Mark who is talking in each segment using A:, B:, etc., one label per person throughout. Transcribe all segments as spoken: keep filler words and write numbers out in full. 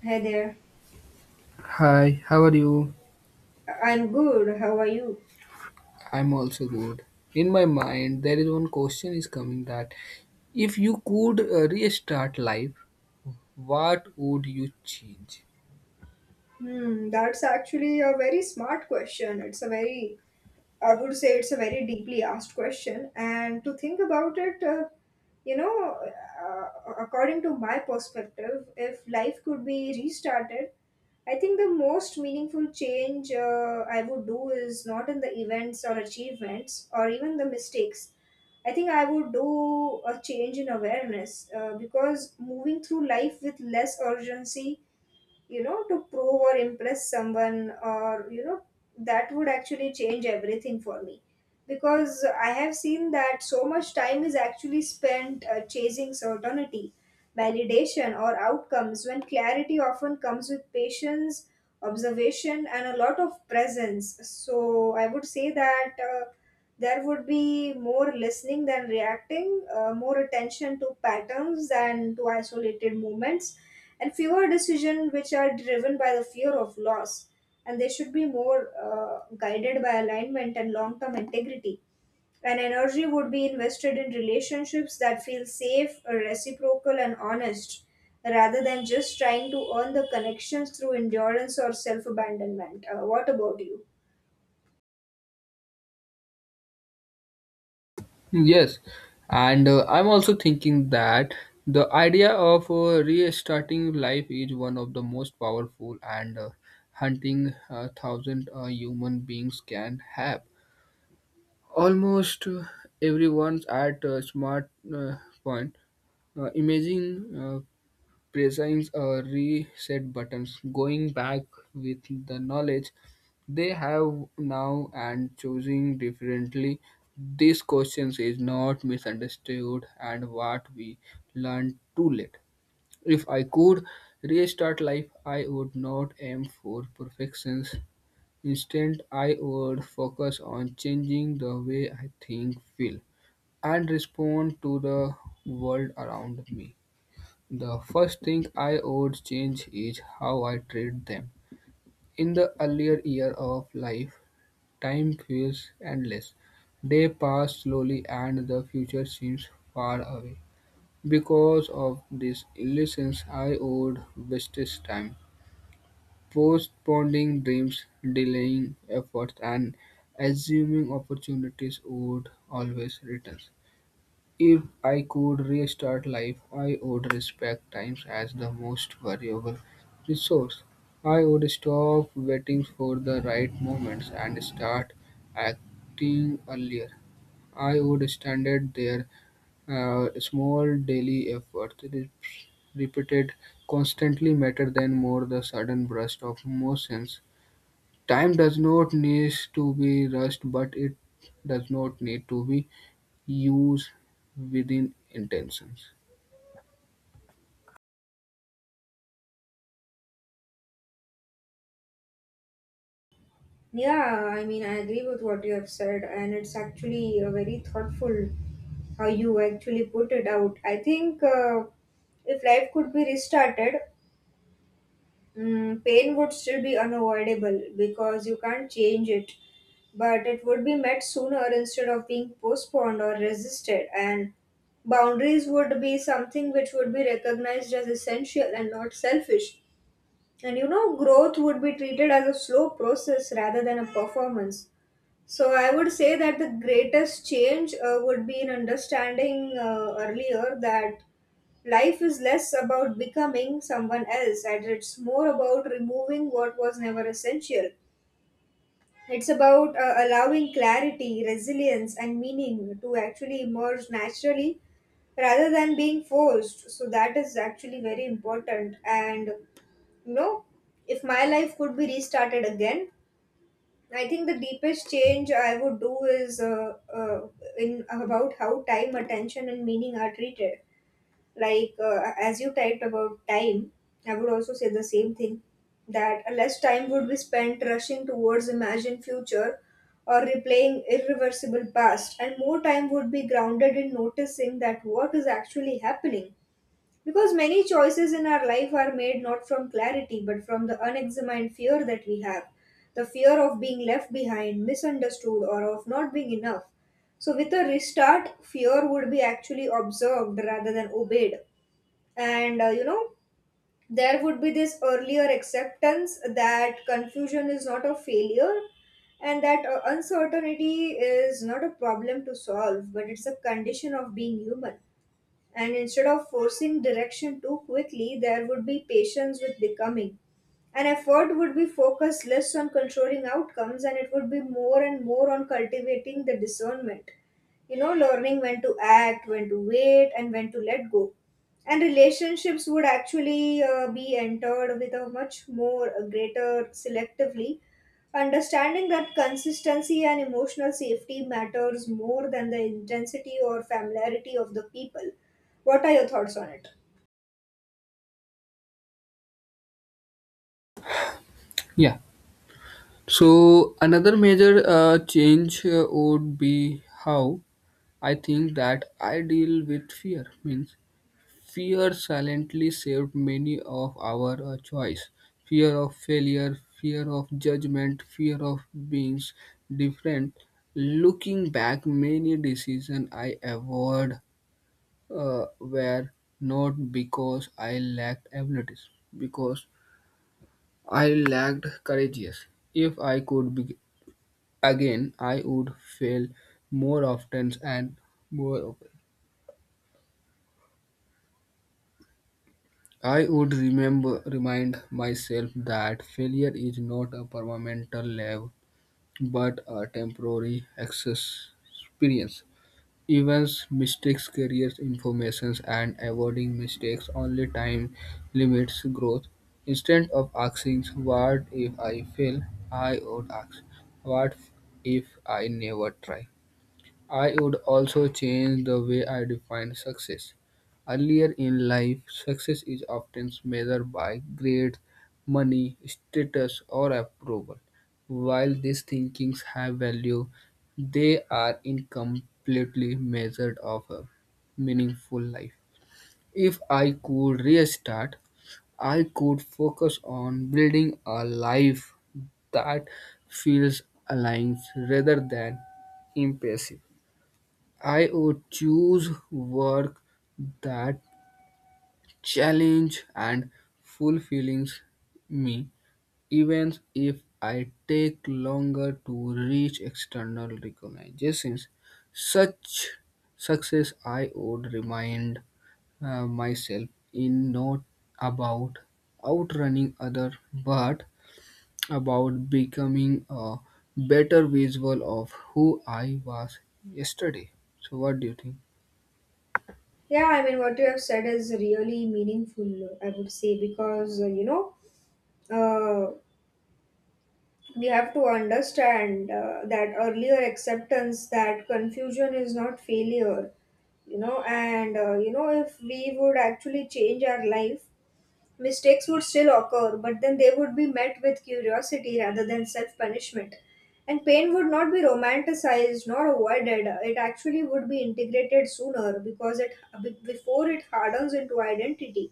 A: Hey there.
B: Hi, how are you?
A: I'm good. How are you?
B: I'm also good. In my mind, there is one question is coming that if you could uh, restart life, what would you change?
A: Hmm, that's actually a very smart question. It's a very I would say it's a very deeply asked question. And to think about it, uh, you know, uh, according to my perspective, if life could be restarted, I think the most meaningful change uh, I would do is not in the events or achievements or even the mistakes. I think I would do a change in awareness uh, because moving through life with less urgency you know to prove or impress someone or you know that would actually change everything for me because I have seen that so much time is actually spent uh, chasing certainty, validation, or outcomes when clarity often comes with patience, observation, and a lot of presence. So I would say that uh, there would be more listening than reacting, uh, more attention to patterns than to isolated moments, and fewer decisions which are driven by the fear of loss and they should be more uh, guided by alignment and long term integrity. And energy would be invested in relationships that feel safe, reciprocal, and honest, rather than just trying to earn the connections through endurance or self abandonment. Uh, what about you?
B: Yes, and uh, I'm also thinking that the idea of uh, restarting life is one of the most powerful and uh, hunting uh, thousand uh, human beings can have. Almost uh, everyone's at a smart uh, point uh, imagine uh, presses a reset buttons. Going back with the knowledge they have now and choosing differently. These questions is not misunderstood and what we learned too late. If I could restart life, I would not aim for perfections. Instead, I would focus on changing the way I think, feel, and respond to the world around me. The first thing I would change is how I treat them. In the earlier year of life, time feels endless. They pass slowly and the future seems far away. Because of this illusions, I would waste time, postponing dreams, delaying efforts, and assuming opportunities would always return. If I could restart life, I would respect time as the most valuable resource. I would stop waiting for the right moments and start acting earlier. I would standard their uh, small daily efforts re- repeated constantly matter than more the sudden burst of emotions. Time does not need to be rushed, but it does not need to be used within intentions.
A: Yeah, I mean, I agree with what you have said, and it's actually uh, very thoughtful how you actually put it out. I think uh, if life could be restarted, Mm, pain would still be unavoidable because you can't change it, but it would be met sooner instead of being postponed or resisted. And boundaries would be something which would be recognized as essential and not selfish. And you know, growth would be treated as a slow process rather than a performance. So I would say that the greatest change uh, would be in understanding uh, earlier that life is less about becoming someone else and it's more about removing what was never essential. It's about uh, allowing clarity, resilience, and meaning to actually emerge naturally rather than being forced. So that is actually very important. And you know, if my life could be restarted again, I think the deepest change I would do is uh, uh, in about how time, attention, and meaning are treated. Like uh, as you typed about time, I would also say the same thing that less time would be spent rushing towards imagined future or replaying irreversible past, and more time would be grounded in noticing that what is actually happening because many choices in our life are made not from clarity but from the unexamined fear that we have the fear of being left behind, misunderstood, or of not being enough. So, with a restart, fear would be actually observed rather than obeyed. And uh, you know, there would be this earlier acceptance that confusion is not a failure and that uh, uncertainty is not a problem to solve but it's a condition of being human and instead of forcing direction too quickly, there would be patience with becoming. An effort would be focused less on controlling outcomes and it would be more and more on cultivating the discernment. You know, learning when to act, when to wait, and when to let go. And relationships would actually uh, be entered with a much more uh, greater selectively understanding that consistency and emotional safety matters more than the intensity or familiarity of the people. What are your thoughts on it?
B: Yeah. So another major uh, change uh, would be how I think that I deal with fear. Means fear silently saved many of our uh, choice. Fear of failure, fear of judgment, fear of being different. Looking back, many decisions I avoid uh, were not because I lacked abilities, because I lacked courageous. If I could be again, I would fail more often and more often. I would remember remind myself that failure is not a permanent level but a temporary access experience. Events, mistakes, careers, informations, and avoiding mistakes only time limits growth. Instead of asking what if I fail, I would ask what if I never try. I would also change the way I define success. Earlier in life, success is often measured by grades, money, status, or approval. While these thinkings have value, they are incompletely measured of a meaningful life. If I could restart, I could focus on building a life that feels aligned rather than impressive. I would choose work that challenge and fulfills me, even if I take longer to reach external recognitions. Such success, I would remind uh, myself, in not about outrunning other, but about becoming a better visual of who I was yesterday. So, what do you think?
A: Yeah, I mean, what you have said is really meaningful, I would say, because, uh, you know, uh, we have to understand uh, that earlier acceptance that confusion is not failure, you know, and, uh, you know, if we would actually change our life, mistakes would still occur, but then they would be met with curiosity rather than self punishment. And pain would not be romanticized nor avoided. It actually would be integrated sooner, because it before it hardens into identity.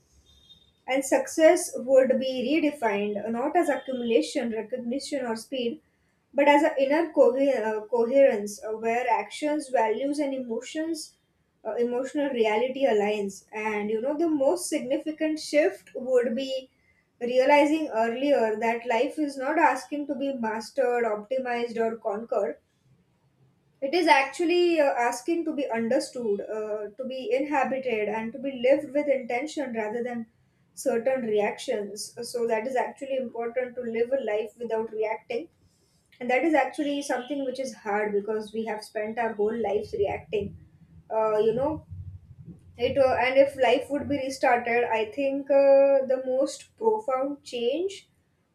A: And success would be redefined not as accumulation, recognition, or speed, but as an inner co- uh, coherence uh, where actions, values, and emotions, uh, emotional reality aligns. And you know, the most significant shift would be realizing earlier that life is not asking to be mastered, optimized, or conquered. It is actually uh, asking to be understood, uh, to be inhabited, and to be lived with intention rather than certain reactions. So, that is actually important to live a life without reacting. And that is actually something which is hard because we have spent our whole lives reacting. Uh, you know, it uh, and if life would be restarted, I think uh, the most profound change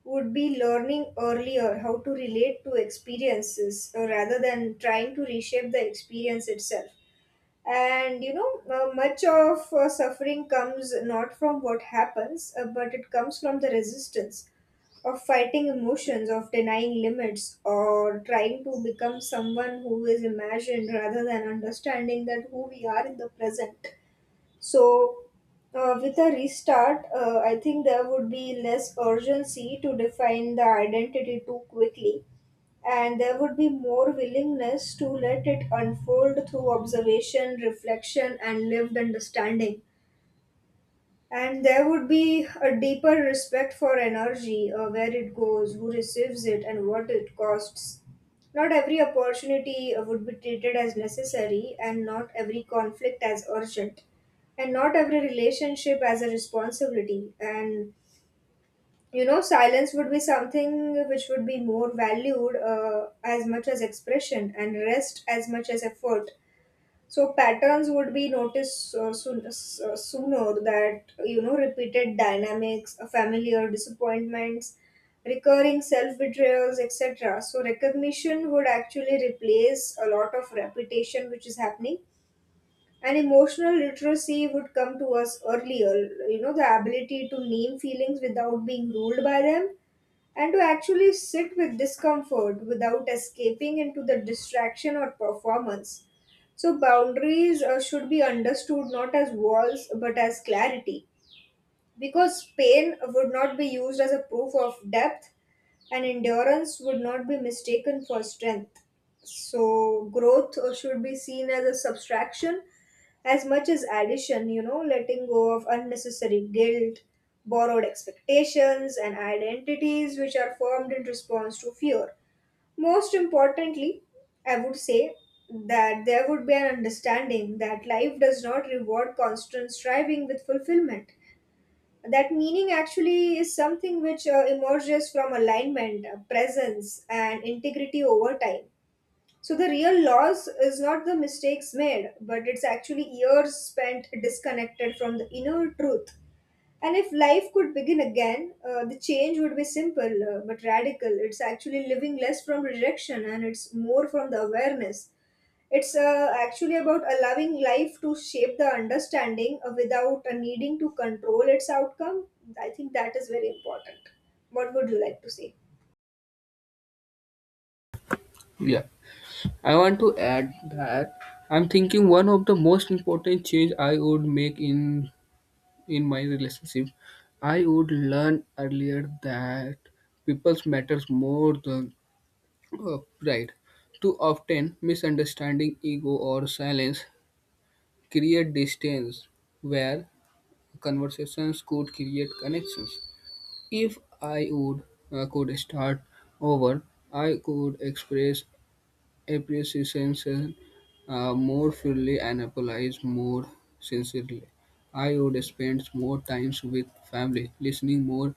A: would be learning earlier how to relate to experiences uh, rather than trying to reshape the experience itself. And you know, uh, much of uh, suffering comes not from what happens, uh, but it comes from the resistance of fighting emotions, of denying limits, or trying to become someone who is imagined rather than understanding that who we are in the present. So, uh, with a restart, uh, I think there would be less urgency to define the identity too quickly, and there would be more willingness to let it unfold through observation, reflection, and lived understanding. And there would be a deeper respect for energy, uh, where it goes, who receives it, and what it costs. Not every opportunity uh, would be treated as necessary, and not every conflict as urgent, and not every relationship as a responsibility. And you know, silence would be something which would be more valued uh, as much as expression, and rest as much as effort. So patterns would be noticed uh, soon, s- uh, sooner, that you know repeated dynamics, uh, familiar disappointments, recurring self betrayals, et cetera. So recognition would actually replace a lot of repetition which is happening, and emotional literacy would come to us earlier, you know the ability to name feelings without being ruled by them and to actually sit with discomfort without escaping into the distraction or performance. So boundaries uh, should be understood not as walls but as clarity, because Spain would not be used as a proof of depth and endurance would not be mistaken for strength. So, growth uh, should be seen as a subtraction as much as addition, you know, letting go of unnecessary guilt, borrowed expectations, and identities which are formed in response to fear. Most importantly, I would say that there would be an understanding that life does not reward constant striving with fulfillment, that meaning actually is something which uh, emerges from alignment, uh, presence, and integrity over time. So the real loss is not the mistakes made, but it's actually years spent disconnected from the inner truth. And if life could begin again, uh, the change would be simple uh, but radical. It's actually living less from rejection and it's more from the awareness. It's uh, actually about allowing life to shape the understanding uh, without uh, needing to control its outcome. I think that is very important. What would you like to say?
B: Yeah, I want to add that I'm thinking one of the most important change I would make in in my relationship. I would learn earlier that people's matters more than uh, pride. Too often, misunderstanding, ego, or silence create distance where conversations could create connections. If I would uh, could start over, I could express appreciation uh, more fully and applies more sincerely. I would spend more times with family, listening more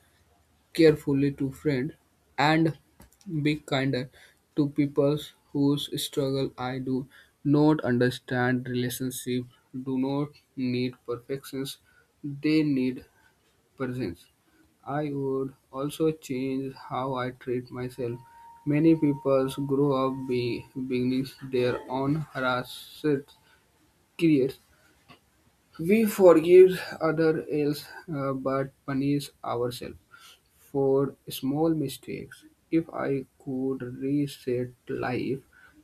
B: carefully to friends, and be kinder to people whose struggle I do not understand. Relationships do not need perfections; they need presence. I would also change how I treat myself. Many people grow up be, beginning their own harassed careers. We forgive other else uh, but punish ourselves for small mistakes. If I could reset life,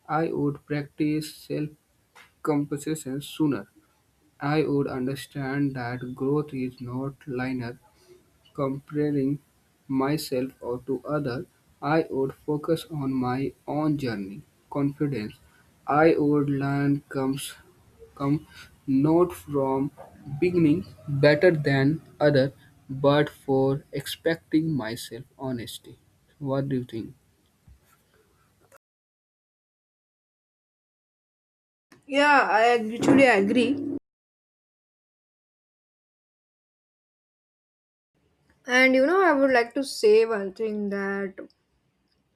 B: I would practice self-compassion sooner. I would understand that growth is not linear comparing myself or to other, I would focus on my own journey. Confidence I would learn comes come not from beginning better than other, but for expecting myself honesty. What do you think?
A: Yeah, I actually agree. And you know, I would like to say one thing, that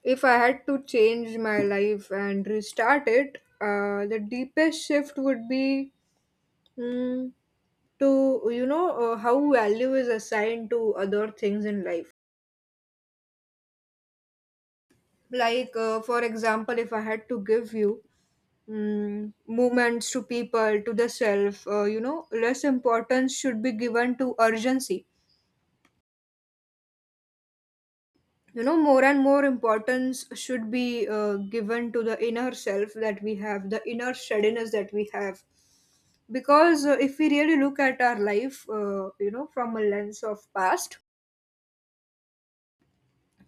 A: if I had to change my life and restart it, uh, the deepest shift would be mm, to, you know, uh, how value is assigned to other things in life. Like, uh, for example, if I had to give you mm, movements to people, to the self, uh, you know, less importance should be given to urgency. You know more and more importance should be uh, given to the inner self that we have, the inner steadiness that we have, because uh, if we really look at our life, uh, you know from a lens of past,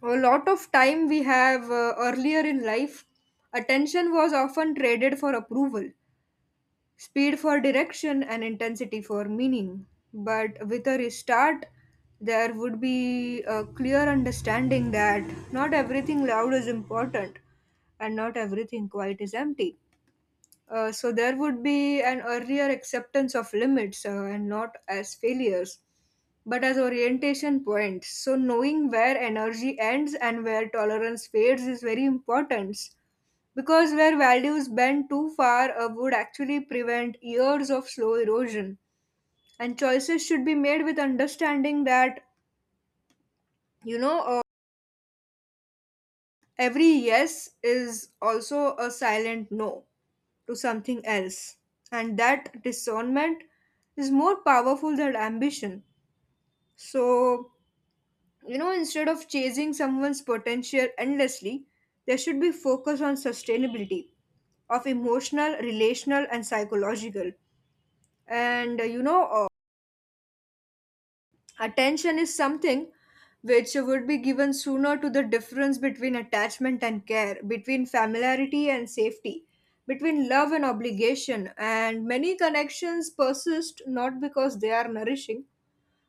A: a lot of time we have uh, earlier in life attention was often traded for approval, speed for direction, and intensity for meaning. But with a restart, there would be a clear understanding that not everything loud is important and not everything quiet is empty. Uh, so there would be an earlier acceptance of limits, uh, and not as failures, but as orientation points. So knowing where energy ends and where tolerance fades is very important, because where values bend too far uh, would actually prevent years of slow erosion. And choices should be made with understanding that, you know, uh, every yes is also a silent no to something else. And that discernment is more powerful than ambition. So, you know, instead of chasing someone's potential endlessly, there should be focus on sustainability of emotional, relational, and psychological. And uh, you know, uh, Attention is something which would be given sooner to the difference between attachment and care, between familiarity and safety, between love and obligation. And many connections persist not because they are nourishing,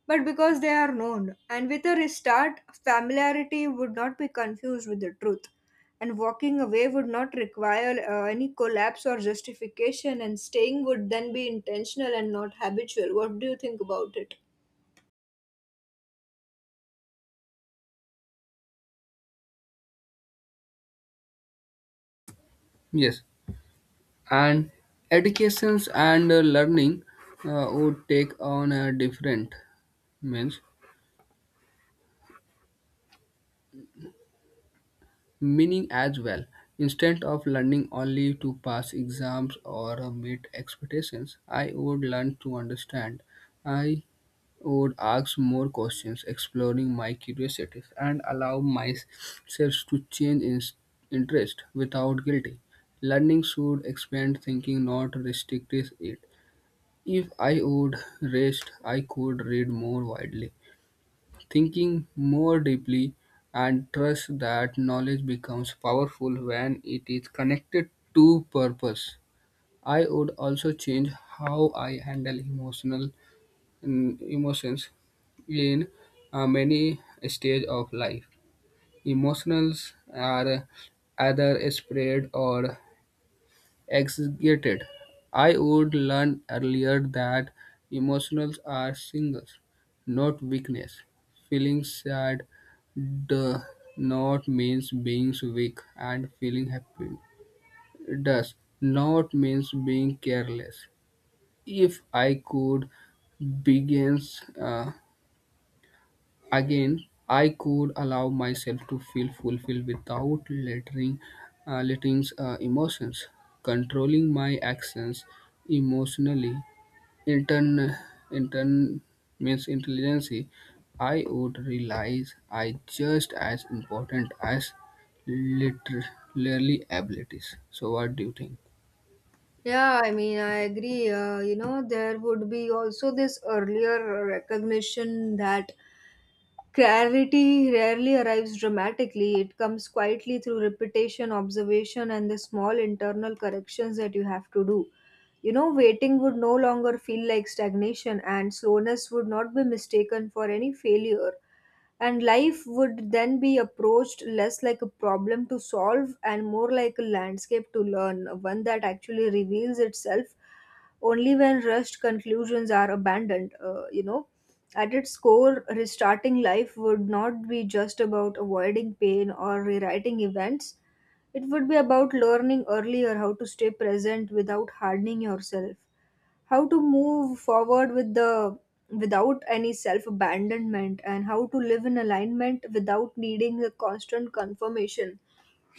A: but because they are known. And with a restart, familiarity would not be confused with the truth. And walking away would not require uh, any collapse or justification, and staying would then be intentional and not habitual. What do you think about it?
B: Yes, and educations and uh, learning uh, would take on a different means meaning as well. Instead of learning only to pass exams or uh, meet expectations, I would learn to understand. I would ask more questions, exploring my curiosities, and allow myself to change in- interest without guilty. Learning should expand thinking, not restrict it. If I would rest, I could read more widely thinking more deeply, and trust that knowledge becomes powerful when it is connected to purpose. I would also change how I handle emotional mm, emotions in uh, many stages of life. Emotions are either spread or exaggerated. I would learn earlier that emotions are signals, not weakness. Feeling sad does not means being weak, and feeling happy does not means being careless. If I could begin uh, again, I could allow myself to feel fulfilled without lettering, uh, lettering uh, emotions. Controlling my actions emotionally, intern, intern means intelligence. I would realize I just as important as literally abilities. So, what do you think?
A: Yeah, I mean, I agree. Uh, you know, there would be also this earlier recognition that clarity rarely arrives dramatically. It comes quietly through repetition, observation, and the small internal corrections that you have to do. You know, waiting would no longer feel like stagnation, and slowness would not be mistaken for any failure. And life would then be approached less like a problem to solve and more like a landscape to learn, one that actually reveals itself only when rushed conclusions are abandoned. Uh, you know, at its core, restarting life would not be just about avoiding pain or rewriting events. It would be about learning earlier how to stay present without hardening yourself, how to move forward with the without any self abandonment, and how to live in alignment without needing a constant confirmation.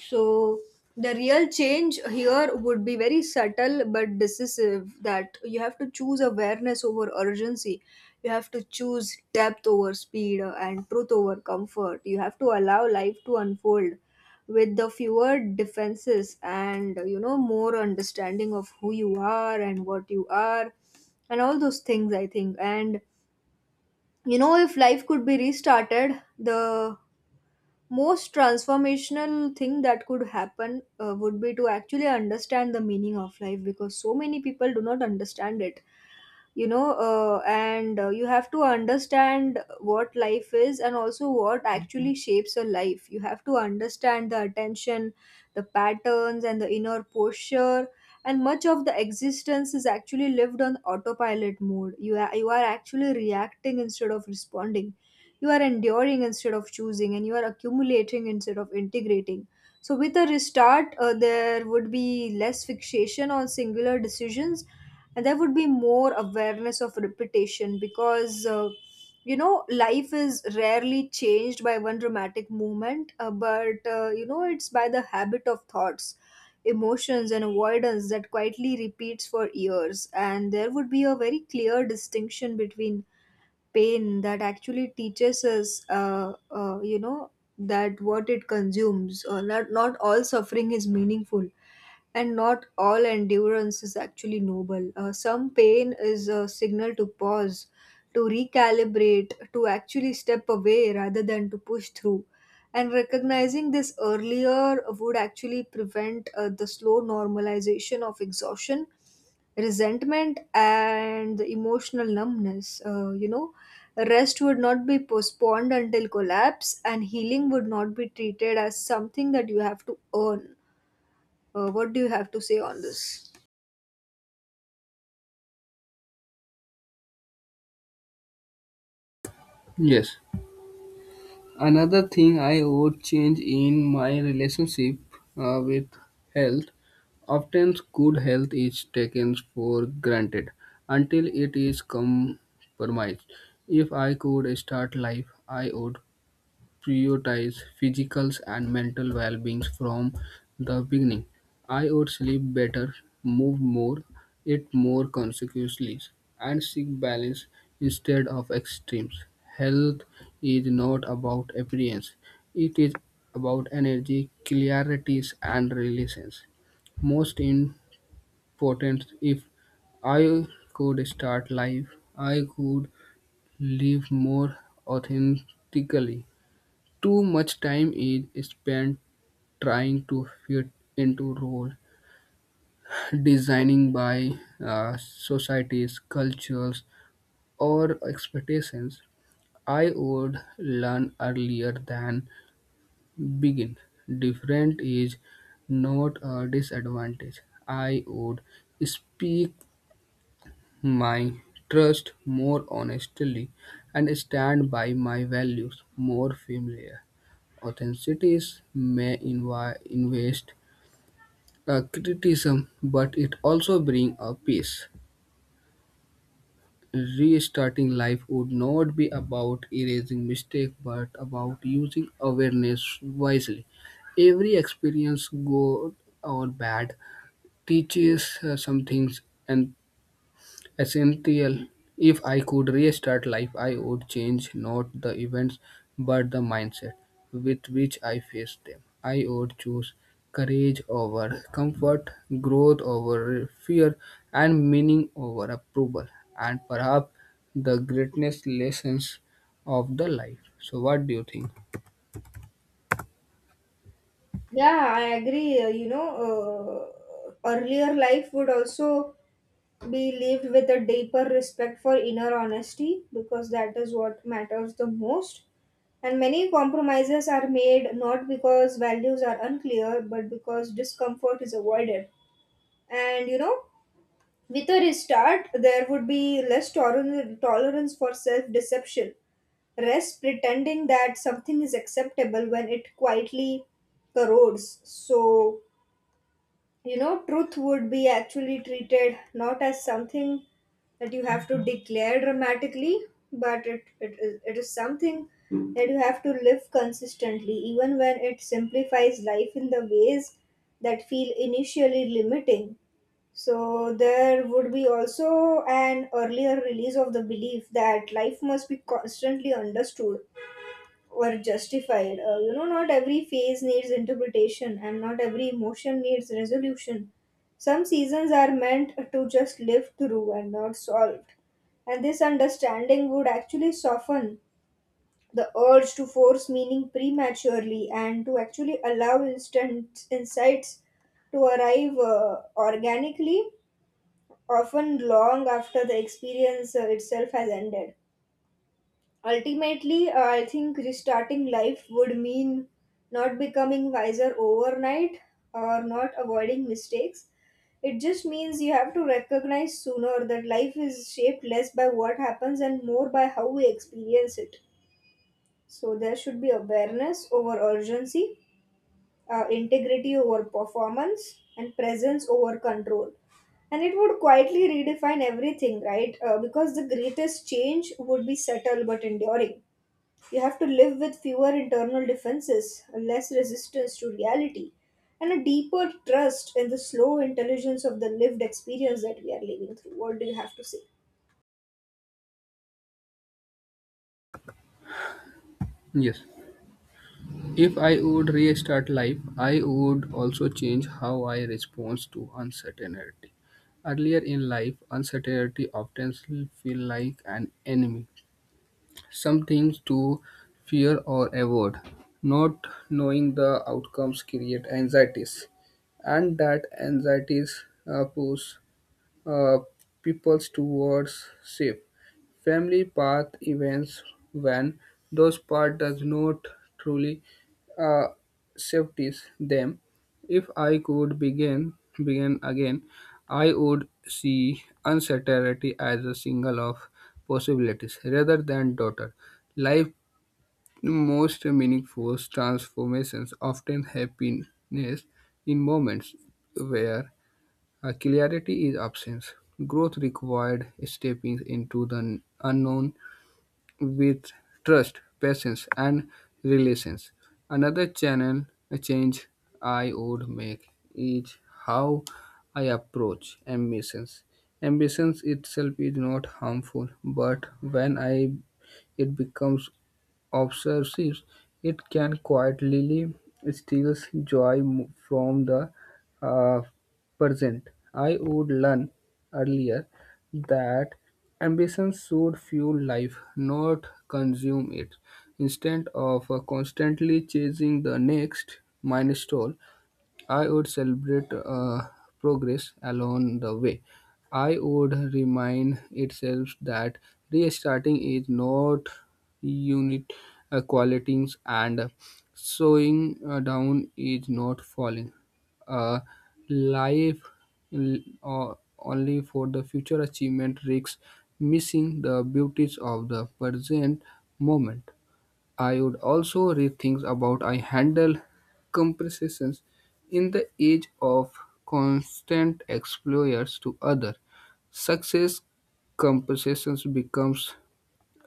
A: So the real change here would be very subtle but decisive, that you have to choose awareness over urgency. You have to choose depth over speed, uh, and truth over comfort. You have to allow life to unfold with the fewer defenses and, you know, more understanding of who you are and what you are and all those things, I think. And, you know, if life could be restarted, the most transformational thing that could happen uh, would be to actually understand the meaning of life, because so many people do not understand it, you know. Uh, and uh, You have to understand what life is and also what actually shapes a life. You have to understand the attention, the patterns, and the inner posture. And much of the existence is actually lived on autopilot mode. You are, you are actually reacting instead of responding, you are enduring instead of choosing, and you are accumulating instead of integrating. So with a restart, uh, there would be less fixation on singular decisions, and there would be more awareness of repetition. Because uh, you know, life is rarely changed by one dramatic moment, uh, but uh, you know, it's by the habit of thoughts, emotions, and avoidance that quietly repeats for years. And there would be a very clear distinction between pain that actually teaches us uh, uh, you know, that what it consumes or not. Not all suffering is meaningful, and not all endurance is actually noble. Uh, some pain is a signal to pause, to recalibrate, to actually step away rather than to push through. And recognizing this earlier would actually prevent uh, the slow normalization of exhaustion, resentment, and the emotional numbness. Uh, you know, rest would not be postponed until collapse, and healing would not be treated as something that you have to earn. Uh, what do you have to say on this?
B: Yes. Another thing I would change in my relationship uh, with health. Often, good health is taken for granted until it is compromised. If I could start life, I would prioritize physical and mental well-being from the beginning. I would sleep better, move more, eat more consequently, and seek balance instead of extremes. Health is not about appearance; it is about energy, clarity, and relations. Most important, if I could start life, I could live more authentically too much time is spent trying to fit into roles designing by uh, societies, cultures, or expectations. I would learn earlier than begin. Different is not a disadvantage. I would speak my trust more honestly and stand by my values more firmly. Authentics may invi- invest a criticism, but it also brings a peace. Restarting life would not be about erasing mistakes, but about using awareness wisely. Every experience, good or bad, teaches uh, some things, and essential. If I could restart life, I would change not the events but the mindset with which I face them. I would choose courage over comfort, growth over fear, and meaning over approval, and perhaps the greatest lessons of the life. So, what do you think?
A: Yeah, I agree. Uh, You know, uh, earlier life would also be lived with a deeper respect for inner honesty, because that is what matters the most. And many compromises are made not because values are unclear, but because discomfort is avoided. And you know, with a restart, there would be less toler tolerance for self deception. Rest pretending that something is acceptable when it quietly corrodes. So, you know, truth would be actually treated not as something that you have to declare dramatically, but it, it, is, it is something that you have to live consistently, even when it simplifies life in the ways that feel initially limiting. So, there would be also an earlier release of the belief that life must be constantly understood were justified. Uh, you know, not every phase needs interpretation and not every emotion needs resolution. Some seasons are meant to just live through and not solved. And this understanding would actually soften the urge to force meaning prematurely and to actually allow instant insights to arrive uh, organically, often long after the experience uh, itself has ended. Ultimately, uh, I think restarting life would mean not becoming wiser overnight or not avoiding mistakes. It just means you have to recognize sooner that life is shaped less by what happens and more by how we experience it. So there should be awareness over urgency, uh, integrity over performance, and presence over control. And it would quietly redefine everything, right? Uh, because the greatest change would be subtle but enduring. You have to live with fewer internal defenses, less resistance to reality, and a deeper trust in the slow intelligence of the lived experience that we are living through. What do you have to say?
B: Yes. If I would restart life, I would also change how I respond to uncertainty. Earlier in life, uncertainty often feel like an enemy, something to fear or avoid. Not knowing the outcomes create anxieties, and that anxieties uh, push uh, people towards safe family path events when those path does not truly uh, safeties them. If I could begin begin again, I would see uncertainty as a single of possibilities rather than daughter. Life most meaningful transformations often happiness in moments where uh, clarity is absence; growth required stepping into the unknown with trust, patience, and relations. Another channel a change I would make is how I approach ambitions. Ambitions itself is not harmful, but when I it becomes obsessive, it can quietly steal joy mo- from the uh, present. I would learn earlier that ambition should fuel life, not consume it. Instead of uh, constantly chasing the next milestone, I would celebrate uh, progress along the way. I would remind itself that restarting is not unit uh, qualities and slowing uh, down is not falling. Uh, life l- uh, only for the future achievement risks missing the beauties of the present moment. I would also rethink about I handle comparisons in the age of constant exposures to other. Success comparisons becomes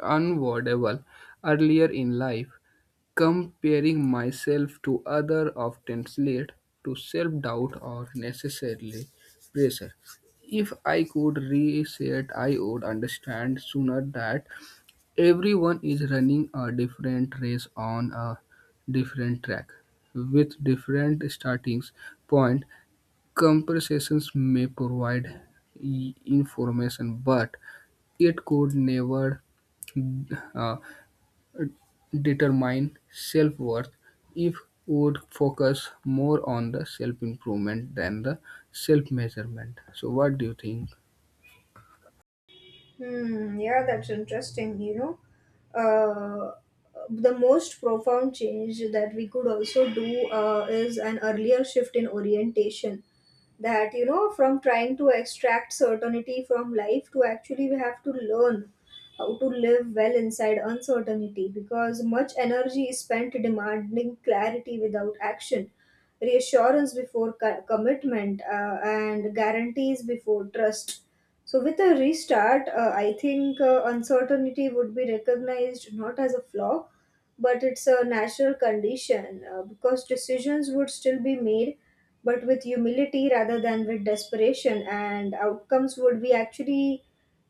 B: unavoidable earlier in life. Comparing myself to other often lead to self-doubt or necessarily pressure. If I could reset, I would understand sooner that everyone is running a different race on a different track, with different starting point. Comparisons may provide i- information, but it could never uh, determine self-worth. If would focus more on the self-improvement than the self-measurement. So, what do you think?
A: Hmm, yeah, that's interesting. You know, uh, the most profound change that we could also do uh, is an earlier shift in orientation. That, you know, from trying to extract certainty from life to actually we have to learn how to live well inside uncertainty, because much energy is spent demanding clarity without action, reassurance before co- commitment, uh, and guarantees before trust. So, with a restart, uh, I think uh, uncertainty would be recognized not as a flaw but it's a natural condition. Uh, because decisions would still be made but with humility rather than with desperation, and outcomes would be actually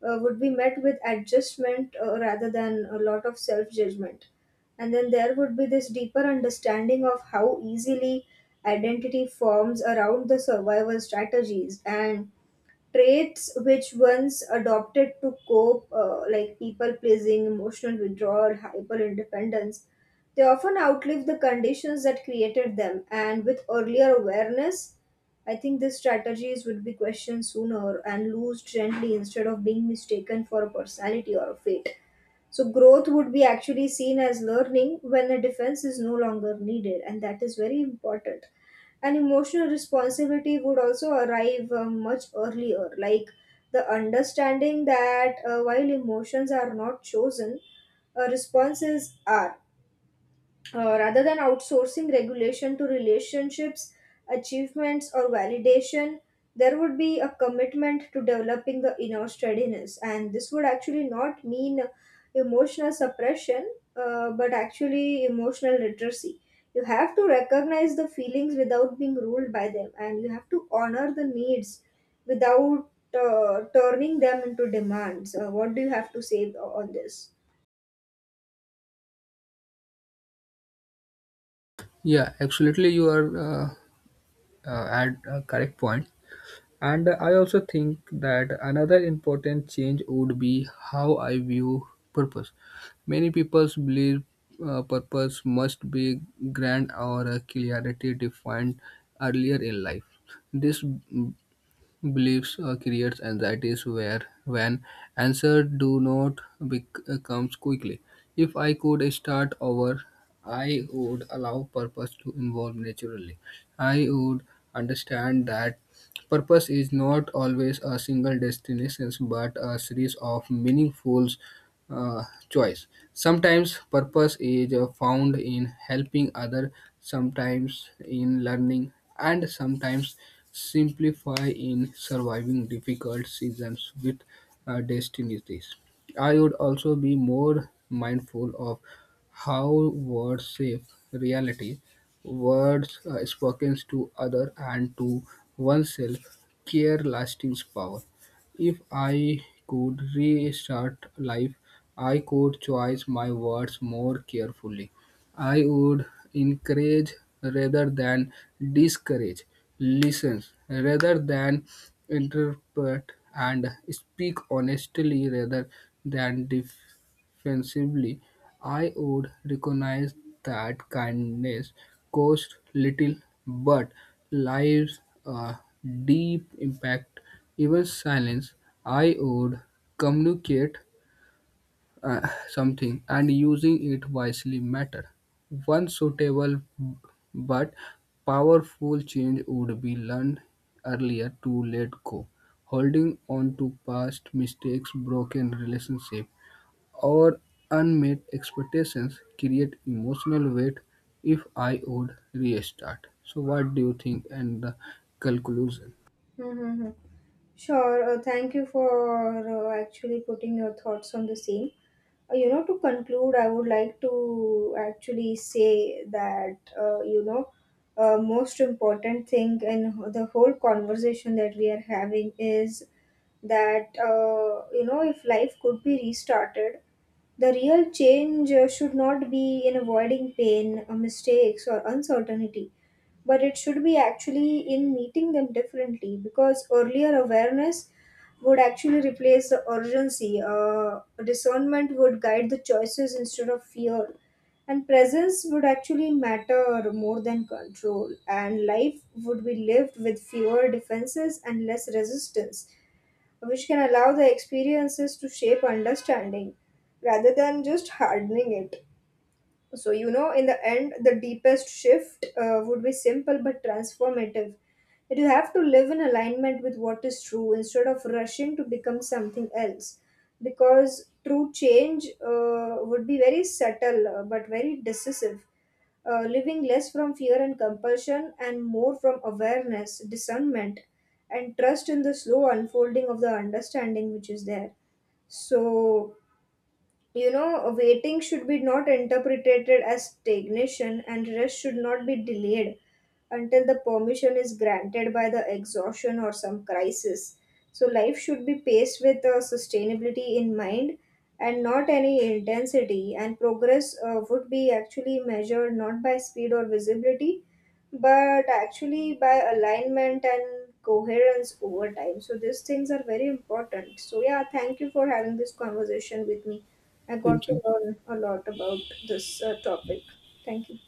A: uh, would be met with adjustment uh, rather than a lot of self judgment. And then there would be this deeper understanding of how easily identity forms around the survival strategies and traits which once adopted to cope, uh, like people pleasing, emotional withdrawal, hyper independence, they often outlive the conditions that created them. And with earlier awareness, I think these strategies would be questioned sooner and lose gently instead of being mistaken for a personality or a fate. So, growth would be actually seen as learning when a defense is no longer needed, and that is very important. And emotional responsibility would also arrive uh, much earlier, like the understanding that uh, while emotions are not chosen, uh, responses are. Uh, rather than outsourcing regulation to relationships, achievements, or validation, there would be a commitment to developing the inner steadiness. And this would actually not mean emotional suppression, uh, but actually emotional literacy. You have to recognize the feelings without being ruled by them, and you have to honor the needs without uh, turning them into demands. Uh, what do you have to say on this?
B: Yeah, absolutely, you are uh, uh, at a correct point. And I also think that another important change would be how I view purpose. Many people believe uh, purpose must be grand or uh, clarity defined earlier in life. This b- beliefs uh, creates anxieties where when answers do not bec- uh, comes quickly. If I could start over, I would allow purpose to involve naturally. I would understand that purpose is not always a single destination, but a series of meaningful uh, choice. Sometimes purpose is uh, found in helping others, sometimes in learning, and sometimes simplify in surviving difficult seasons with uh, destinies. I would also be more mindful of how words shape reality words uh, spoken to other and to oneself carry lasting power. If I could restart life, I could choose my words more carefully. I would encourage rather than discourage. Listen rather than interpret and speak honestly rather than defensively. I would recognize that kindness costs little but lives a deep impact. Even silence, I would communicate uh, something and using it wisely matter. One suitable but powerful change would be learned earlier to let go. Holding on to past mistakes, broken relationships, or unmet expectations create emotional weight if I would restart. So what do you think and the conclusion?
A: Mm-hmm. Sure. Uh, thank you for uh, actually putting your thoughts on the same. Uh, you know, to conclude, I would like to actually say that, uh, you know, uh, most important thing in the whole conversation that we are having is that, uh, you know, if life could be restarted, the real change uh, should not be in avoiding pain, uh, mistakes, or uncertainty, but it should be actually in meeting them differently. Because earlier awareness would actually replace the urgency. Uh, discernment would guide the choices instead of fear. And presence would actually matter more than control. And life would be lived with fewer defenses and less resistance, which can allow the experiences to shape understanding rather than just hardening it. So, you know, in the end, the deepest shift uh, would be simple but transformative. That you have to live in alignment with what is true instead of rushing to become something else. Because true change uh, would be very subtle uh, but very decisive. Uh, living less from fear and compulsion and more from awareness, discernment, and trust in the slow unfolding of the understanding which is there. So, you know, waiting should be not interpreted as stagnation and rest should not be delayed until the permission is granted by the exhaustion or some crisis. So, life should be paced with uh, sustainability in mind and not any intensity. And progress uh, would be actually measured not by speed or visibility, but actually by alignment and coherence over time. So, these things are very important. So, yeah, thank you for having this conversation with me. I got
B: Thank
A: to
B: you.
A: learn a lot about this uh, topic. Thank you.